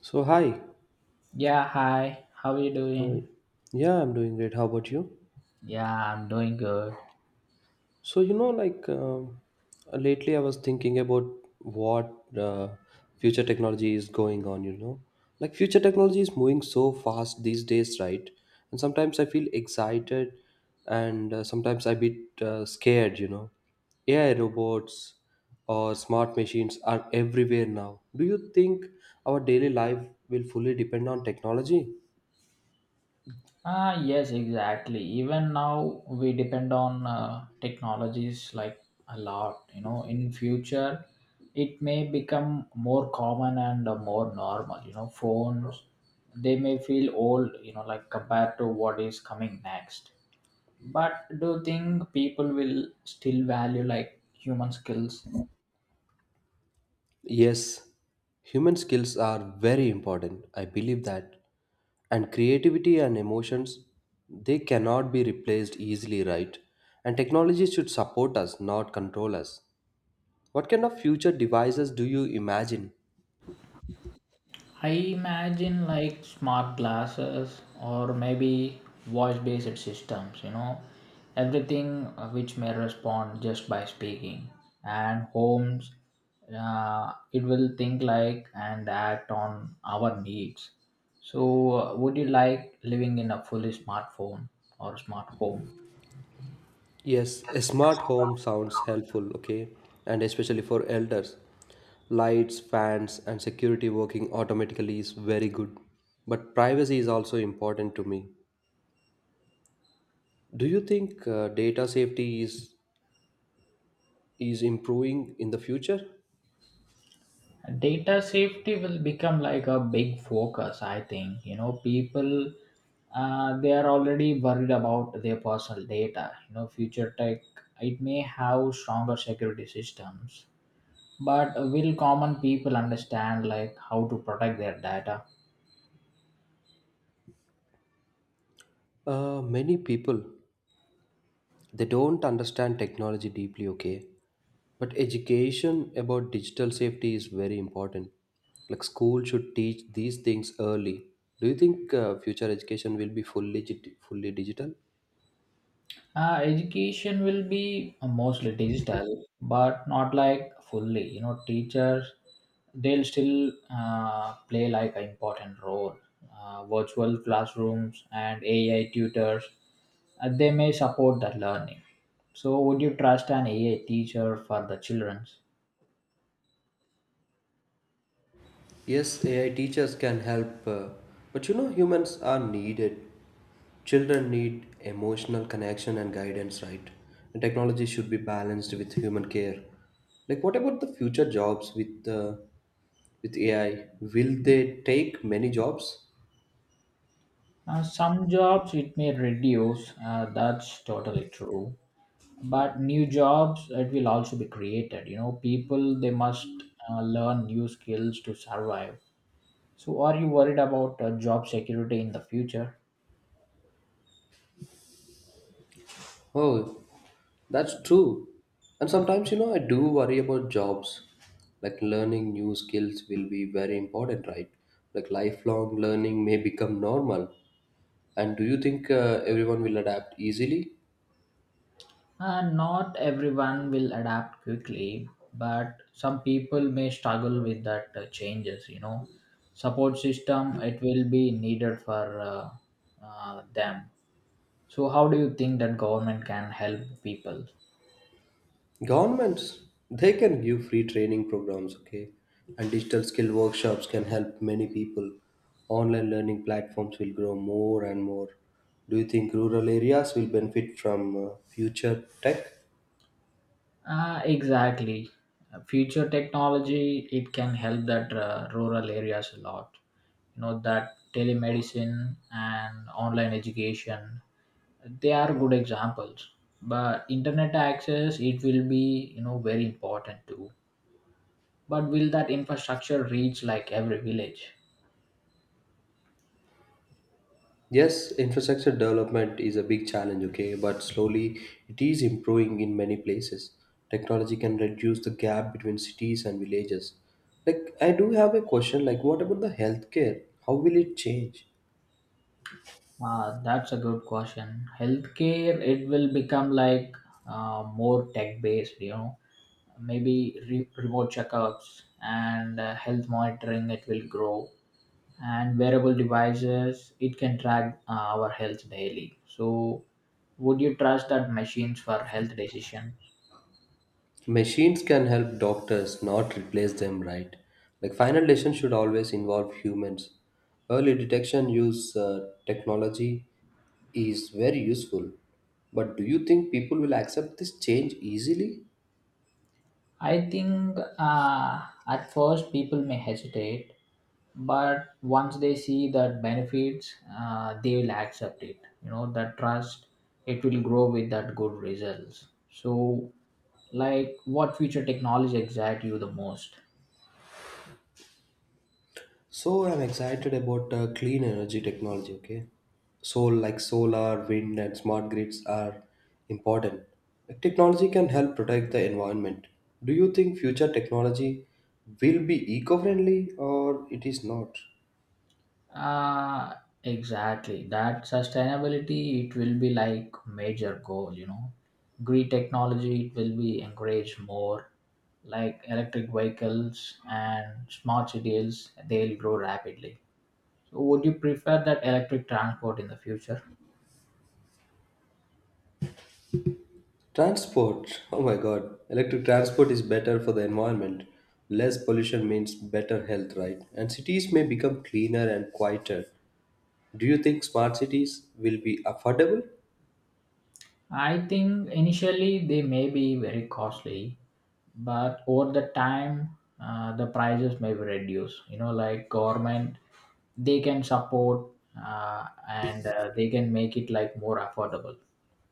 So hi, Yeah, hi. How are you how are doing? you? Yeah, I'm doing great. How about you? Yeah, I'm doing good. So you know, like lately, I was thinking about what future technology is going on. You know, like future technology is moving so fast these days, right? And sometimes I feel excited, and sometimes I bit scared. You know, AI robots or smart machines are everywhere now. Do you think our daily life will fully depend on technology? Ah, yes, exactly. Even now we depend on technologies like a lot, you know. In future, it may become more common and more normal, you know. Phones, they may feel old, you know, like compared to what is coming next. But do you think people will still value like human skills? Yes, human skills are very important. I believe that. And creativity and emotions, they cannot be replaced easily, right? And technology should support us, not control us. What kind of future devices do you imagine? I imagine like smart glasses or maybe voice based systems, you know, everything which may respond just by speaking. And homes, it will think like and act on our needs. So, would you like living in a fully smartphone or smart home? Yes, a smart home sounds helpful, okay? And especially for elders. Lights, fans, and security working automatically is very good. But privacy is also important to me. Do you think data safety is improving in the future? Data safety will become like a big focus, I think. You know, people, they are already worried about their personal data. You know, future tech, it may have stronger security systems, but will common people understand like how to protect their data? Many people, they don't understand technology deeply, okay, but education about digital safety is very important. Like school should teach these things early. Do you think future education will be fully digital? Education will be mostly digital, but not like fully. You know, teachers, they'll still play like an important role. Virtual classrooms and AI tutors, they may support the learning. So, would you trust an AI teacher for the children? Yes, AI teachers can help, but you know, humans are needed. Children need emotional connection and guidance, right? And technology should be balanced with human care. Like, what about the future jobs with AI? Will they take many jobs? Some jobs it may reduce. That's totally true. But new jobs it will also be created. You know, people, they must learn new skills to survive. So are you worried about job security in the future? Oh, that's true. And sometimes, you know, I do worry about jobs. Like learning new skills will be very important, right? Like lifelong learning may become normal. And do you think everyone will adapt easily? Not everyone will adapt quickly, but some people may struggle with that changes, you know. Support system, it will be needed for them. So how do you think that government can help people? Governments, they can give free training programs, okay? And digital skill workshops can help many people. Online learning platforms will grow more and more. Do you think rural areas will benefit from future tech? Exactly. Future technology, it can help that rural areas a lot. You know, that telemedicine and online education, they are good examples. But internet access, it will be, you know, very important too. But will that infrastructure reach like every village? Yes, infrastructure development is a big challenge, okay, but slowly it is improving in many places. Technology can reduce the gap between cities and villages. Like, I do have a question like, what about the healthcare? How will it change? That's a good question. Healthcare, it will become like more tech based, you know. Maybe remote checkups and health monitoring it will grow, and wearable devices it can track our health daily. So would you trust that machines for health decisions? Machines can help doctors, not replace them, right? Like, final decision should always involve humans. Early detection use technology is very useful. But do you think people will accept this change easily? I think, at first people may hesitate, but once they see that benefits, they will accept it, you know. That trust, it will grow with that good results. So like what future technology excites you the most? So I'm excited about clean energy technology, okay? So like solar, wind and smart grids are important. Like, technology can help protect the environment. Do you think future technology will be eco-friendly or it is not? uh exactly, that sustainability it will be like major goal, you know. Green technology, it will be encouraged more. Like electric vehicles and smart cities, they'll grow rapidly. So would you prefer that electric transport in the future? Transport. Oh my god. Electric transport is better for the environment. Less pollution means better health, right? And cities may become cleaner and quieter. Do you think smart cities will be affordable? I think initially they may be very costly, but over the time, the prices may be reduced. You know, like government, they can support and they can make it like more affordable.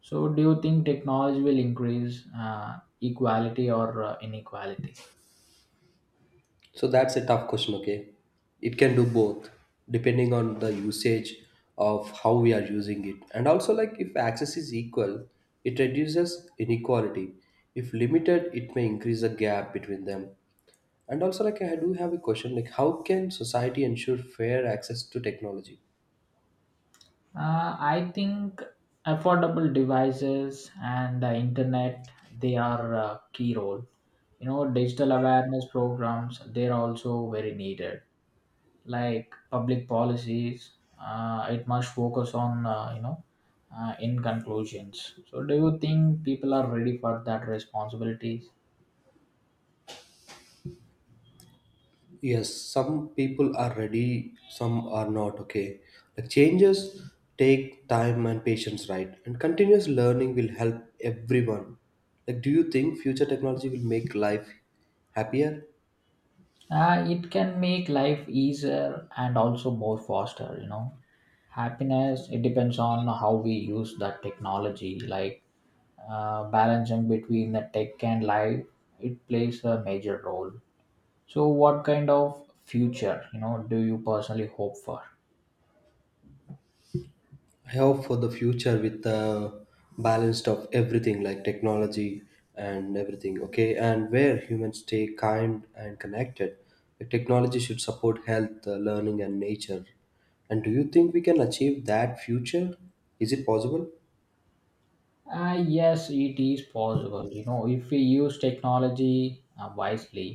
So, do you think technology will increase equality or inequality? So that's a tough question, okay? It can do both depending on the usage of how we are using it. And also like if access is equal, it reduces inequality. If limited, it may increase the gap between them. And also like I do have a question like how can society ensure fair access to technology? I think affordable devices and the internet, they are a key role. You know, digital awareness programs, they're also very needed. Like public policies, it must focus on, you know, in conclusions. So, do you think people are ready for that responsibilities? Yes, some people are ready, some are not, okay. The changes take time and patience, right? And continuous learning will help everyone. Like, do you think future technology will make life happier? It can make life easier and also more faster. You know, happiness it depends on how we use that technology. Like balancing between the tech and life, it plays a major role. So what kind of future, you know, do you personally hope for? I hope for the future with the balanced of everything like technology and everything, okay, and where humans stay kind and connected. The technology should support health, learning, and nature. And do you think we can achieve that future? Is it possible? Yes, it is possible, you know. If we use technology wisely,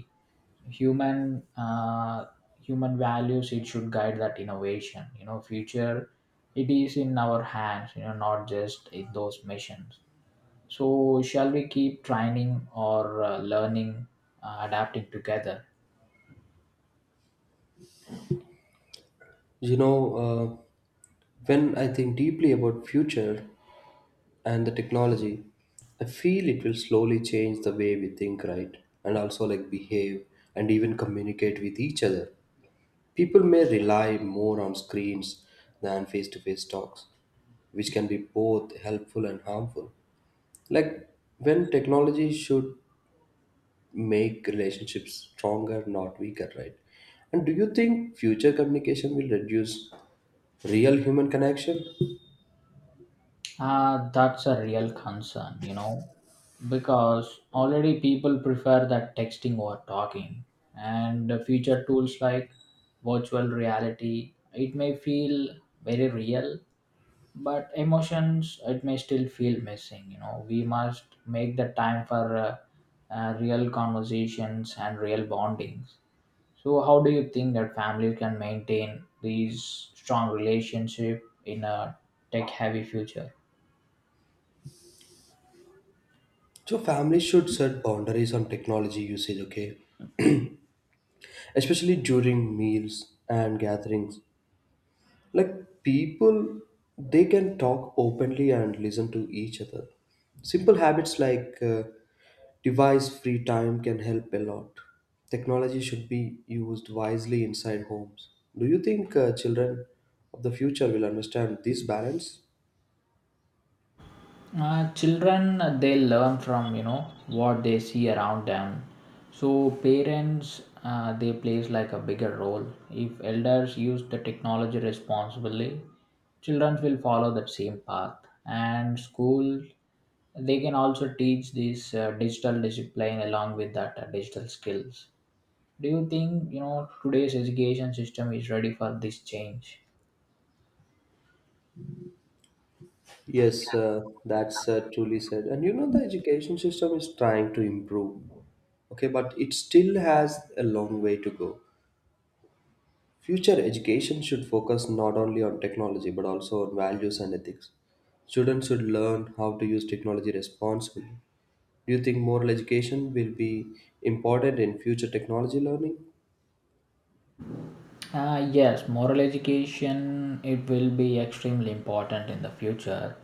human uh, human values, it should guide that innovation, you know. Future, it is in our hands, you know, not just in those missions. So shall we keep training or learning, adapting together? You know, when I think deeply about future and the technology, I feel it will slowly change the way we think, right? And also like behave and even communicate with each other. People may rely more on screens than face to face talks, which can be both helpful and harmful. Like when technology should make relationships stronger, not weaker, right? And do you think future communication will reduce real human connection? That's a real concern, you know, because already people prefer that texting or talking, and the future tools like virtual reality, it may feel very real, but emotions, it may still feel missing. You know, we must make the time for real conversations and real bondings. So, how do you think that families can maintain these strong relationship in a tech-heavy future? So families should set boundaries on technology usage, okay? Especially during meals and gatherings. Like people, they can talk openly and listen to each other. Simple habits like device free time can help a lot. Technology should be used wisely inside homes. Do you think children of the future will understand this balance? Children, they learn from, you know, what they see around them. So parents, they plays like a bigger role. If elders use the technology responsibly, children will follow that same path. And school, they can also teach this digital discipline along with that digital skills. Do you think, you know, today's education system is ready for this change? Yes, that's truly said. And you know, the education system is trying to improve, okay, but it still has a long way to go. Future education should focus not only on technology but also on values and ethics. Students should learn how to use technology responsibly. Do you think moral education will be important in future technology learning? Yes, moral education, it will be extremely important in the future.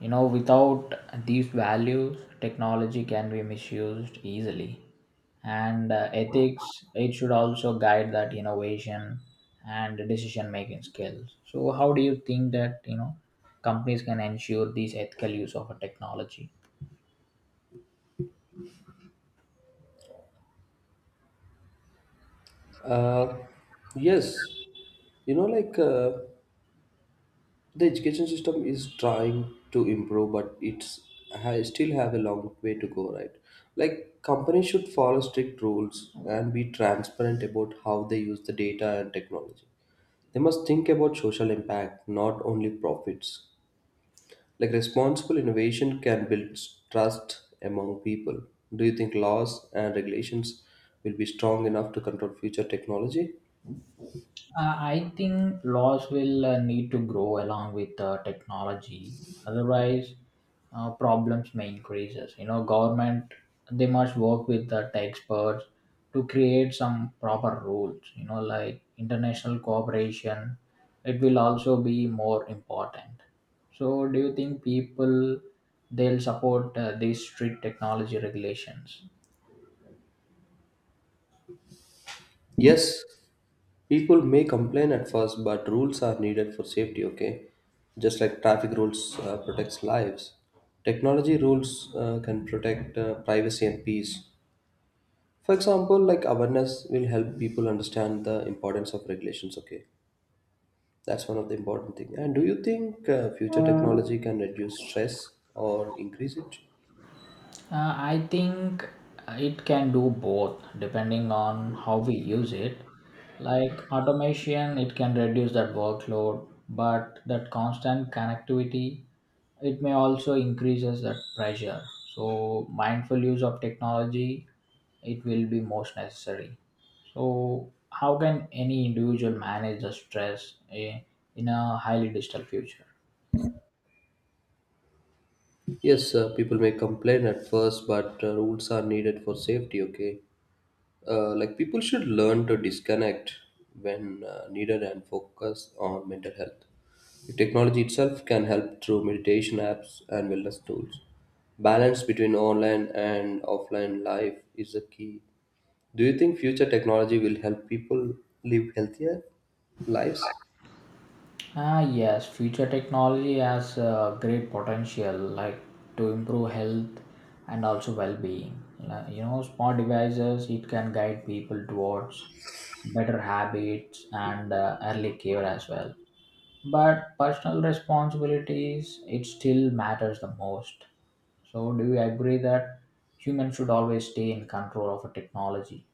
You know, without these values, technology can be misused easily, and ethics, it should also guide that innovation and decision making skills. So, how do you think that, you know, companies can ensure these ethical use of a technology? Uh, yes. You know, like the education system is trying to improve, but it's I still have a long way to go, right? Like companies should follow strict rules and be transparent about how they use the data and technology. They must think about social impact, not only profits. Like responsible innovation can build trust among people. Do you think laws and regulations will be strong enough to control future technology? I think laws will need to grow along with technology. Otherwise, problems may increase. You know, government, they must work with the experts to create some proper rules. You know, like international cooperation, it will also be more important. So, do you think people, they'll support these strict technology regulations? Yes, people may complain at first, but rules are needed for safety, okay? Just like traffic rules protects lives, technology rules can protect privacy and peace. For example, like awareness will help people understand the importance of regulations, okay? That's one of the important thing. And do you think future technology can reduce stress or increase it? I think it can do both depending on how we use it. Like automation, it can reduce that workload, but that constant connectivity, it may also increases that pressure. So mindful use of technology, it will be most necessary. So how can any individual manage the stress, in a highly digital future? Yes, people may complain at first, but rules are needed for safety. Okay, like people should learn to disconnect when needed and focus on mental health. The technology itself can help through meditation apps and wellness tools. Balance between online and offline life is the key. Do you think future technology will help people live healthier lives? Ah, yes, future technology has a great potential, like to improve health and also well-being. Like, you know, smart devices it can guide people towards better habits and early care as well. But personal responsibilities it still matters the most. So, do you agree that humans should always stay in control of a technology?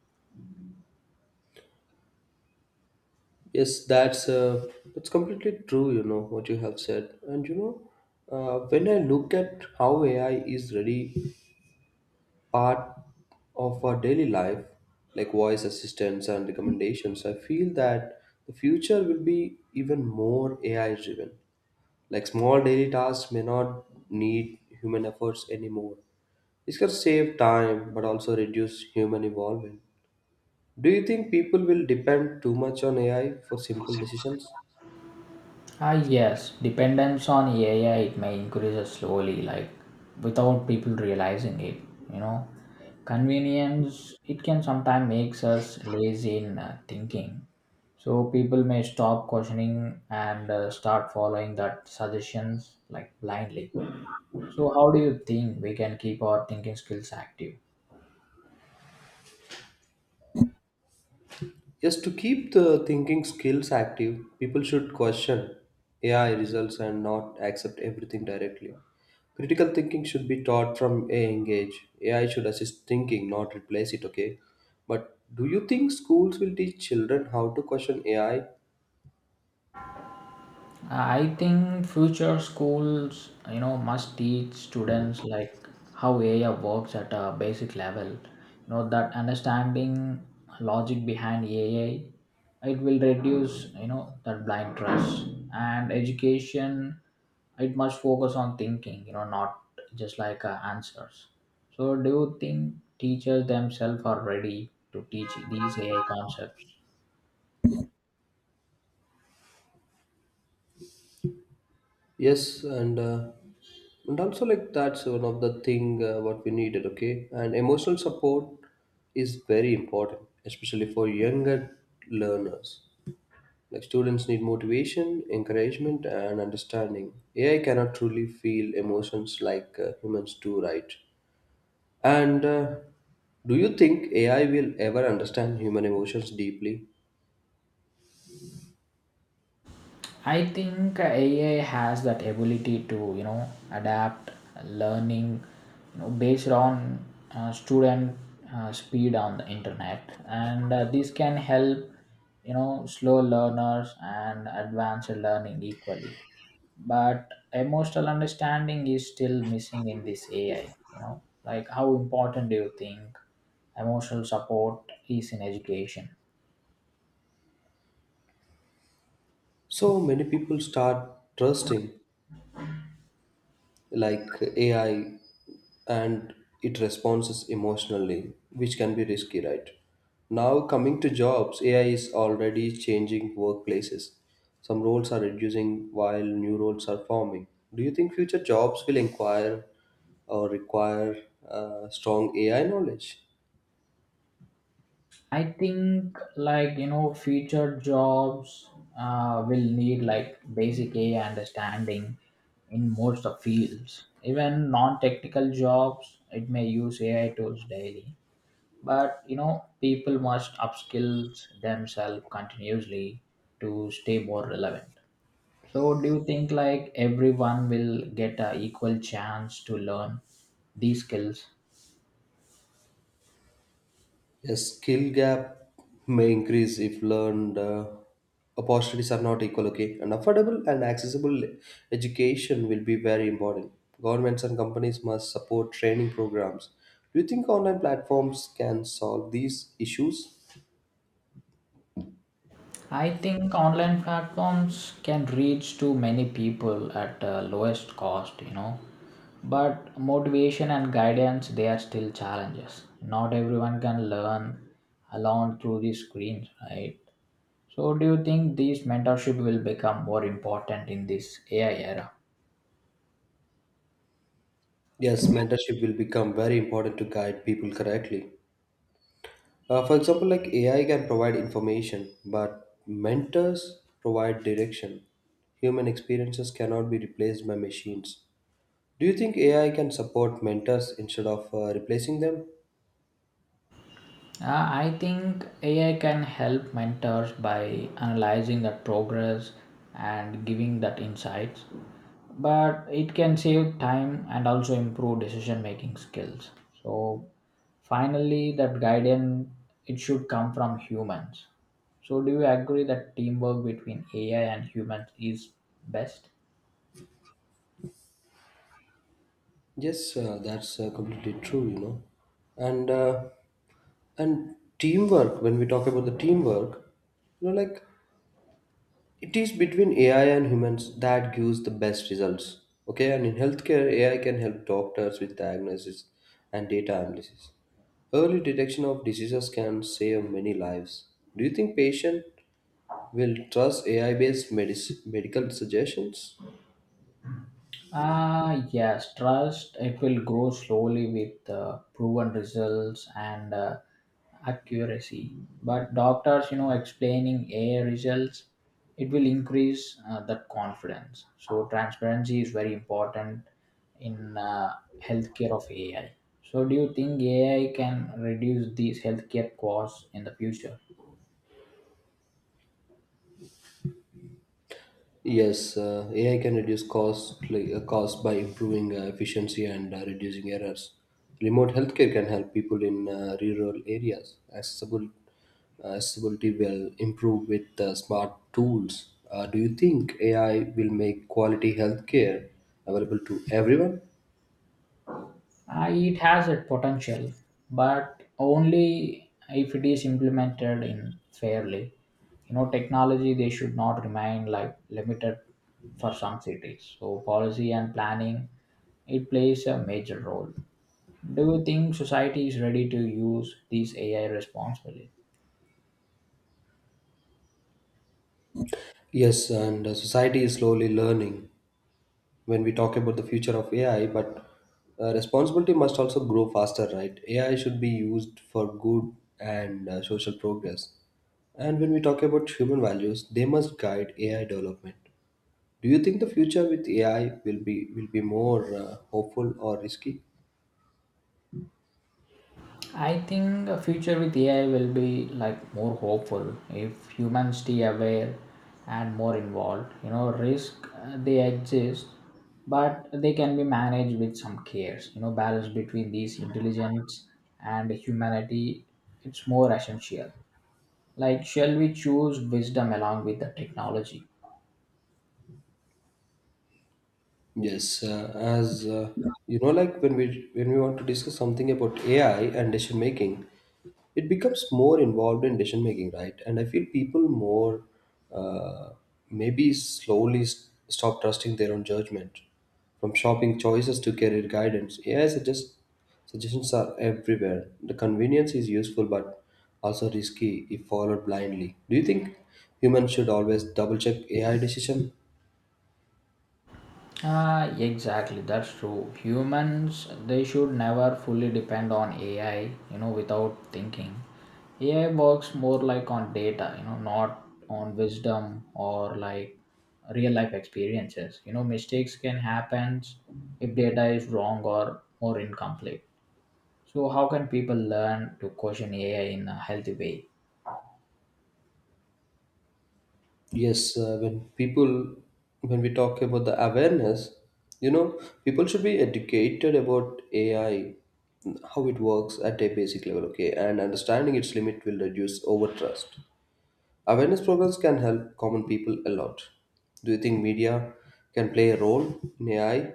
Yes, that's completely true. You know what you have said, and you know when I look at how AI is really part of our daily life, like voice assistants and recommendations, I feel that the future will be even more AI driven. Like small daily tasks may not need human efforts anymore. This can save time but also reduce human involvement. Do you think people will depend too much on AI for simple decisions? Ah, yes, dependence on AI it may increase slowly, like without people realizing it. You know, convenience it can sometimes makes us lazy in thinking. So people may stop questioning and start following that suggestions like blindly. So how do you think we can keep our thinking skills active? Yes, to keep the thinking skills active, people should question AI results and not accept everything directly. Critical thinking should be taught from a young age. AI should assist thinking, not replace it, okay? But do you think schools will teach children how to question AI? I think future schools, you know, must teach students like how AI works at a basic level. You know that understanding logic behind AI, it will reduce, you know, that blind trust and education. It must focus on thinking, you know, not just like answers. So, do you think teachers themselves are ready to teach these AI concepts? Yes, and also like that's one of the thing what we needed, okay? And emotional support is very important, especially for younger learners. Like students need motivation, encouragement, and understanding. AI cannot truly feel emotions like humans do, right? And do you think AI will ever understand human emotions deeply? I think AI has that ability to, you know, adapt learning, you know, based on student speed on the internet, and this can help, you know, slow learners and advanced learning equally, but emotional understanding is still missing in this AI, you know. Like how important do you think emotional support is in education? So many people start trusting like AI and it responds emotionally, which can be risky, right? Now, coming to jobs, AI is already changing workplaces. Some roles are reducing while new roles are forming. Do you think future jobs will inquire or require strong AI knowledge? I think, like, you know, future jobs will need like basic AI understanding in most of fields. Even non-technical jobs, it may use AI tools daily. But you know people must upskill themselves continuously to stay more relevant. So do you think like everyone will get a equal chance to learn these skills? A skill gap may increase if learned opportunities are not equal. Okay, and affordable and accessible education will be very important. Governments and companies must support training programs. Do you think online platforms can solve these issues? I think online platforms can reach to many people at lowest cost, you know. But motivation and guidance, they are still challenges. Not everyone can learn alone through these screens, right? So, do you think these mentorship will become more important in this AI era? Yes, mentorship will become very important to guide people correctly. For example, like AI can provide information, but mentors provide direction. Human experiences cannot be replaced by machines. Do you think AI can support mentors instead of replacing them? I think AI can help mentors by analyzing that progress and giving that insights, but it can save time and also improve decision making skills. So, finally, that guidance, it should come from humans. So, do you agree that teamwork between AI and humans is best? Yes, that's completely true, you know. And uh, and teamwork, when we talk about the teamwork, you know, like it is between AI and humans that gives the best results. Okay, and in healthcare, AI can help doctors with diagnosis and data analysis. Early detection of diseases can save many lives. Do you think patient will trust AI-based medical suggestions? Ah, yes, trust it will grow slowly with proven results and accuracy. But doctors, you know, explaining AI results, it will increase that confidence. So transparency is very important in healthcare of AI. So do you think AI can reduce these healthcare costs in the future? Yes, AI can reduce costs by improving efficiency and reducing errors. Remote healthcare can help people in rural areas. Accessibility will improve with smart tools. Do you think AI will make quality healthcare available to everyone? It has a potential, but only if it is implemented in fairly. You know, technology they should not remain like limited for some cities. So policy and planning, it plays a major role. Do you think society is ready to use these AI responsibly? Yes, and society is slowly learning when we talk about the future of AI, but responsibility must also grow faster, right? AI should be used for good and social progress. And when we talk about human values, they must guide AI development. Do you think the future with AI will be more hopeful or risky? I think a future with AI will be like more hopeful if humans stay aware and more involved. You know, risk, they exist, but they can be managed with some cares. You know, balance between these intelligence and humanity, it's more essential. Like, shall we choose wisdom along with the technology? Yes, as you know, like when we want to discuss something about AI and decision making, it becomes more involved in decision making, right? And I feel people more uh, maybe slowly stop trusting their own judgment. From shopping choices to career guidance, AI suggest suggestions are everywhere. The convenience is useful but also risky if followed blindly. Do you think humans should always double check AI decision? Ah, exactly. That's true. Humans, they should never fully depend on AI, you know, without thinking. AI works more like on data, you know, not on wisdom or like real life experiences. You know, mistakes can happen if data is wrong or more incomplete. So, how can people learn to question AI in a healthy way? Yes, when we talk about the awareness, you know, people should be educated about AI, how it works at a basic level, okay, and understanding its limit will reduce overtrust. Awareness programs can help common people a lot. Do you think media can play a role in AI?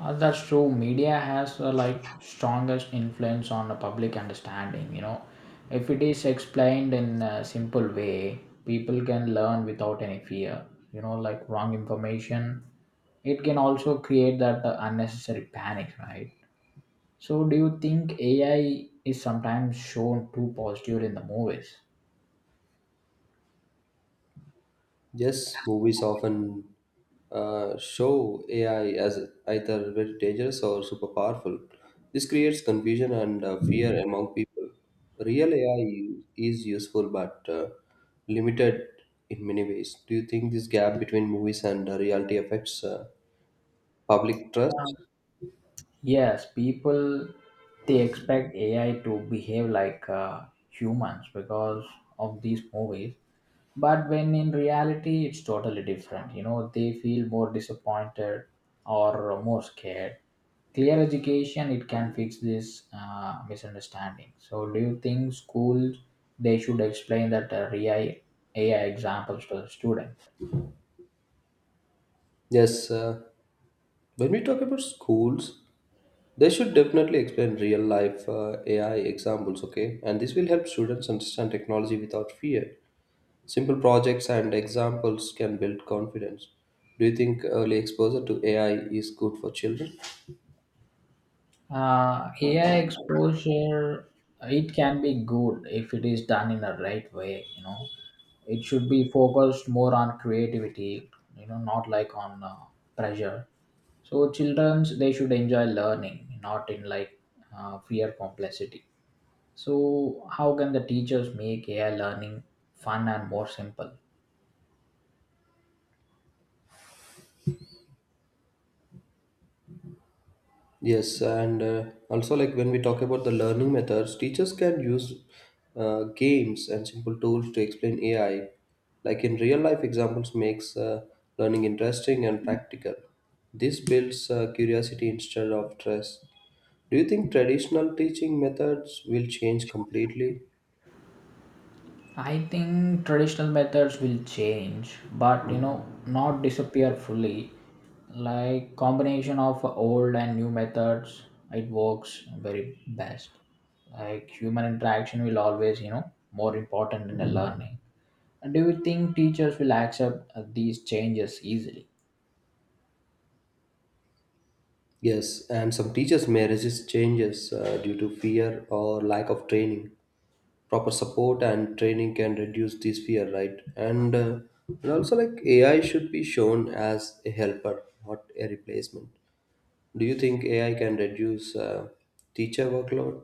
That's true. Media has like strongest influence on the public understanding. You know, if it is explained in a simple way, people can learn without any fear. You know, like wrong information, it can also create that unnecessary panic, right? So, do you think AI is sometimes shown too positive in the movies? Yes, movies often show AI as either very dangerous or super powerful. This creates confusion and fear among people. Real AI is useful but limited in many ways. Do you think this gap between movies and reality affects public trust? Yes, people, they expect AI to behave like humans because of these movies, but when in reality it's totally different. You know, they feel more disappointed or more scared. Clear education it can fix this misunderstanding. So, do you think schools, they should explain that AI examples to the students? Yes, when we talk about schools, they should definitely explain real life AI examples, okay? And this will help students understand technology without fear. Simple projects and examples can build confidence. Do you think early exposure to AI is good for children? AI exposure, it can be good if it is done in the right way. You know, it should be focused more on creativity. You know, not like on pressure. So childrens, they should enjoy learning, not in like fear complexity. So how can the teachers make AI learning fun and more simple? Yes, and also like when we talk about the learning methods, teachers can use games and simple tools to explain AI. Like in real life examples, makes learning interesting and practical. This builds curiosity instead of stress. Do you think traditional teaching methods will change completely? I think traditional methods will change, but you know, not disappear fully. Like combination of old and new methods, it works very best. Like human interaction will always, you know, more important in the learning. And do you think teachers will accept these changes easily? Yes, and some teachers may resist changes due to fear or lack of training. Proper support and training can reduce this fear, right? And also, like AI should be shown as a helper, not a replacement. Do you think AI can reduce teacher workload?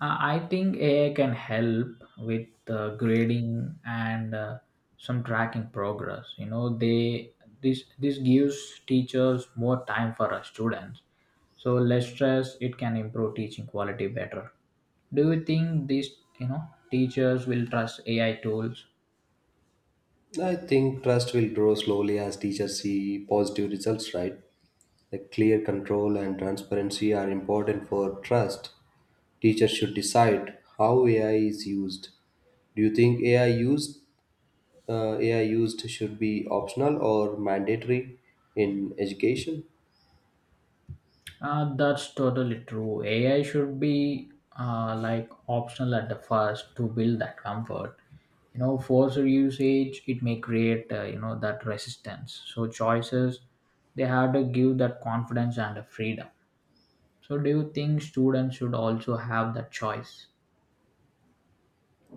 I think AI can help with grading and some tracking progress. You know, they this this gives teachers more time for our students. So less stress, it can improve teaching quality better. Do you think these, you know, teachers will trust AI tools? I think trust will grow slowly as teachers see positive results, right? The clear control and transparency are important for trust. Teachers should decide how AI is used. Do you think AI used should be optional or mandatory in education? That's totally true. AI should be like optional at the first to build that comfort. You know, forced usage it may create, you know, that resistance. So choices, they have to give that confidence and the freedom. So do you think students should also have that choice?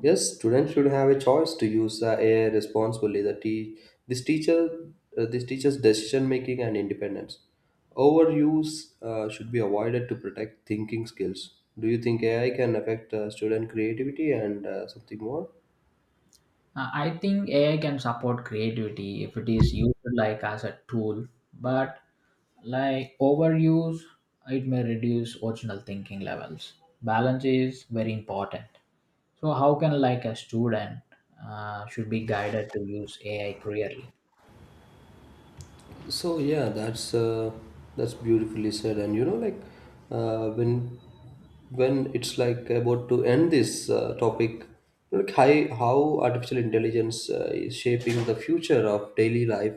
Yes, students should have a choice to use the AI responsibly. The te- this teacher, this teacher's decision making and independence. Overuse should be avoided to protect thinking skills. Do you think AI can affect student creativity and something more? I think AI can support creativity if it is used like as a tool, but like overuse, it may reduce original thinking levels. Balance is very important. So how can like a student should be guided to use AI clearly? So yeah, that's beautifully said. And you know, like uh, when when it's like about to end this topic, like how artificial intelligence is shaping the future of daily life,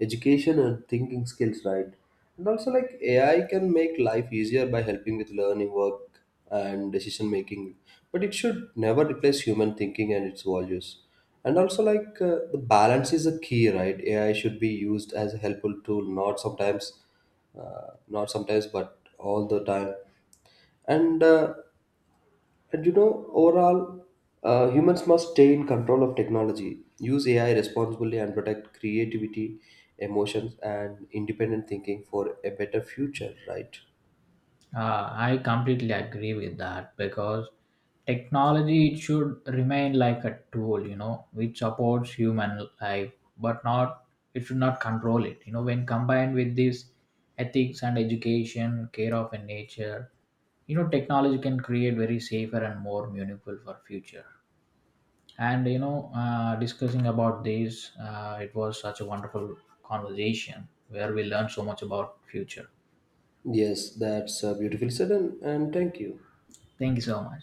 education, and thinking skills, right? And also, like AI can make life easier by helping with learning, work, and decision making, but it should never replace human thinking and its values. And also like the balance is a key, right? AI should be used as a helpful tool, not sometimes but all the time. And uh, and you know, overall, humans must stay in control of technology. Use AI responsibly and protect creativity, emotions and independent thinking for a better future, right? I completely agree with that because technology it should remain like a tool, you know, which supports human life, but not, it should not control it. You know, when combined with this ethics and education, care of and nature, you know, technology can create very safer and more meaningful for future. And you know, discussing about this, it was such a wonderful conversation where we learned so much about future. Yes, that's beautifully said, and thank you. Thank you so much.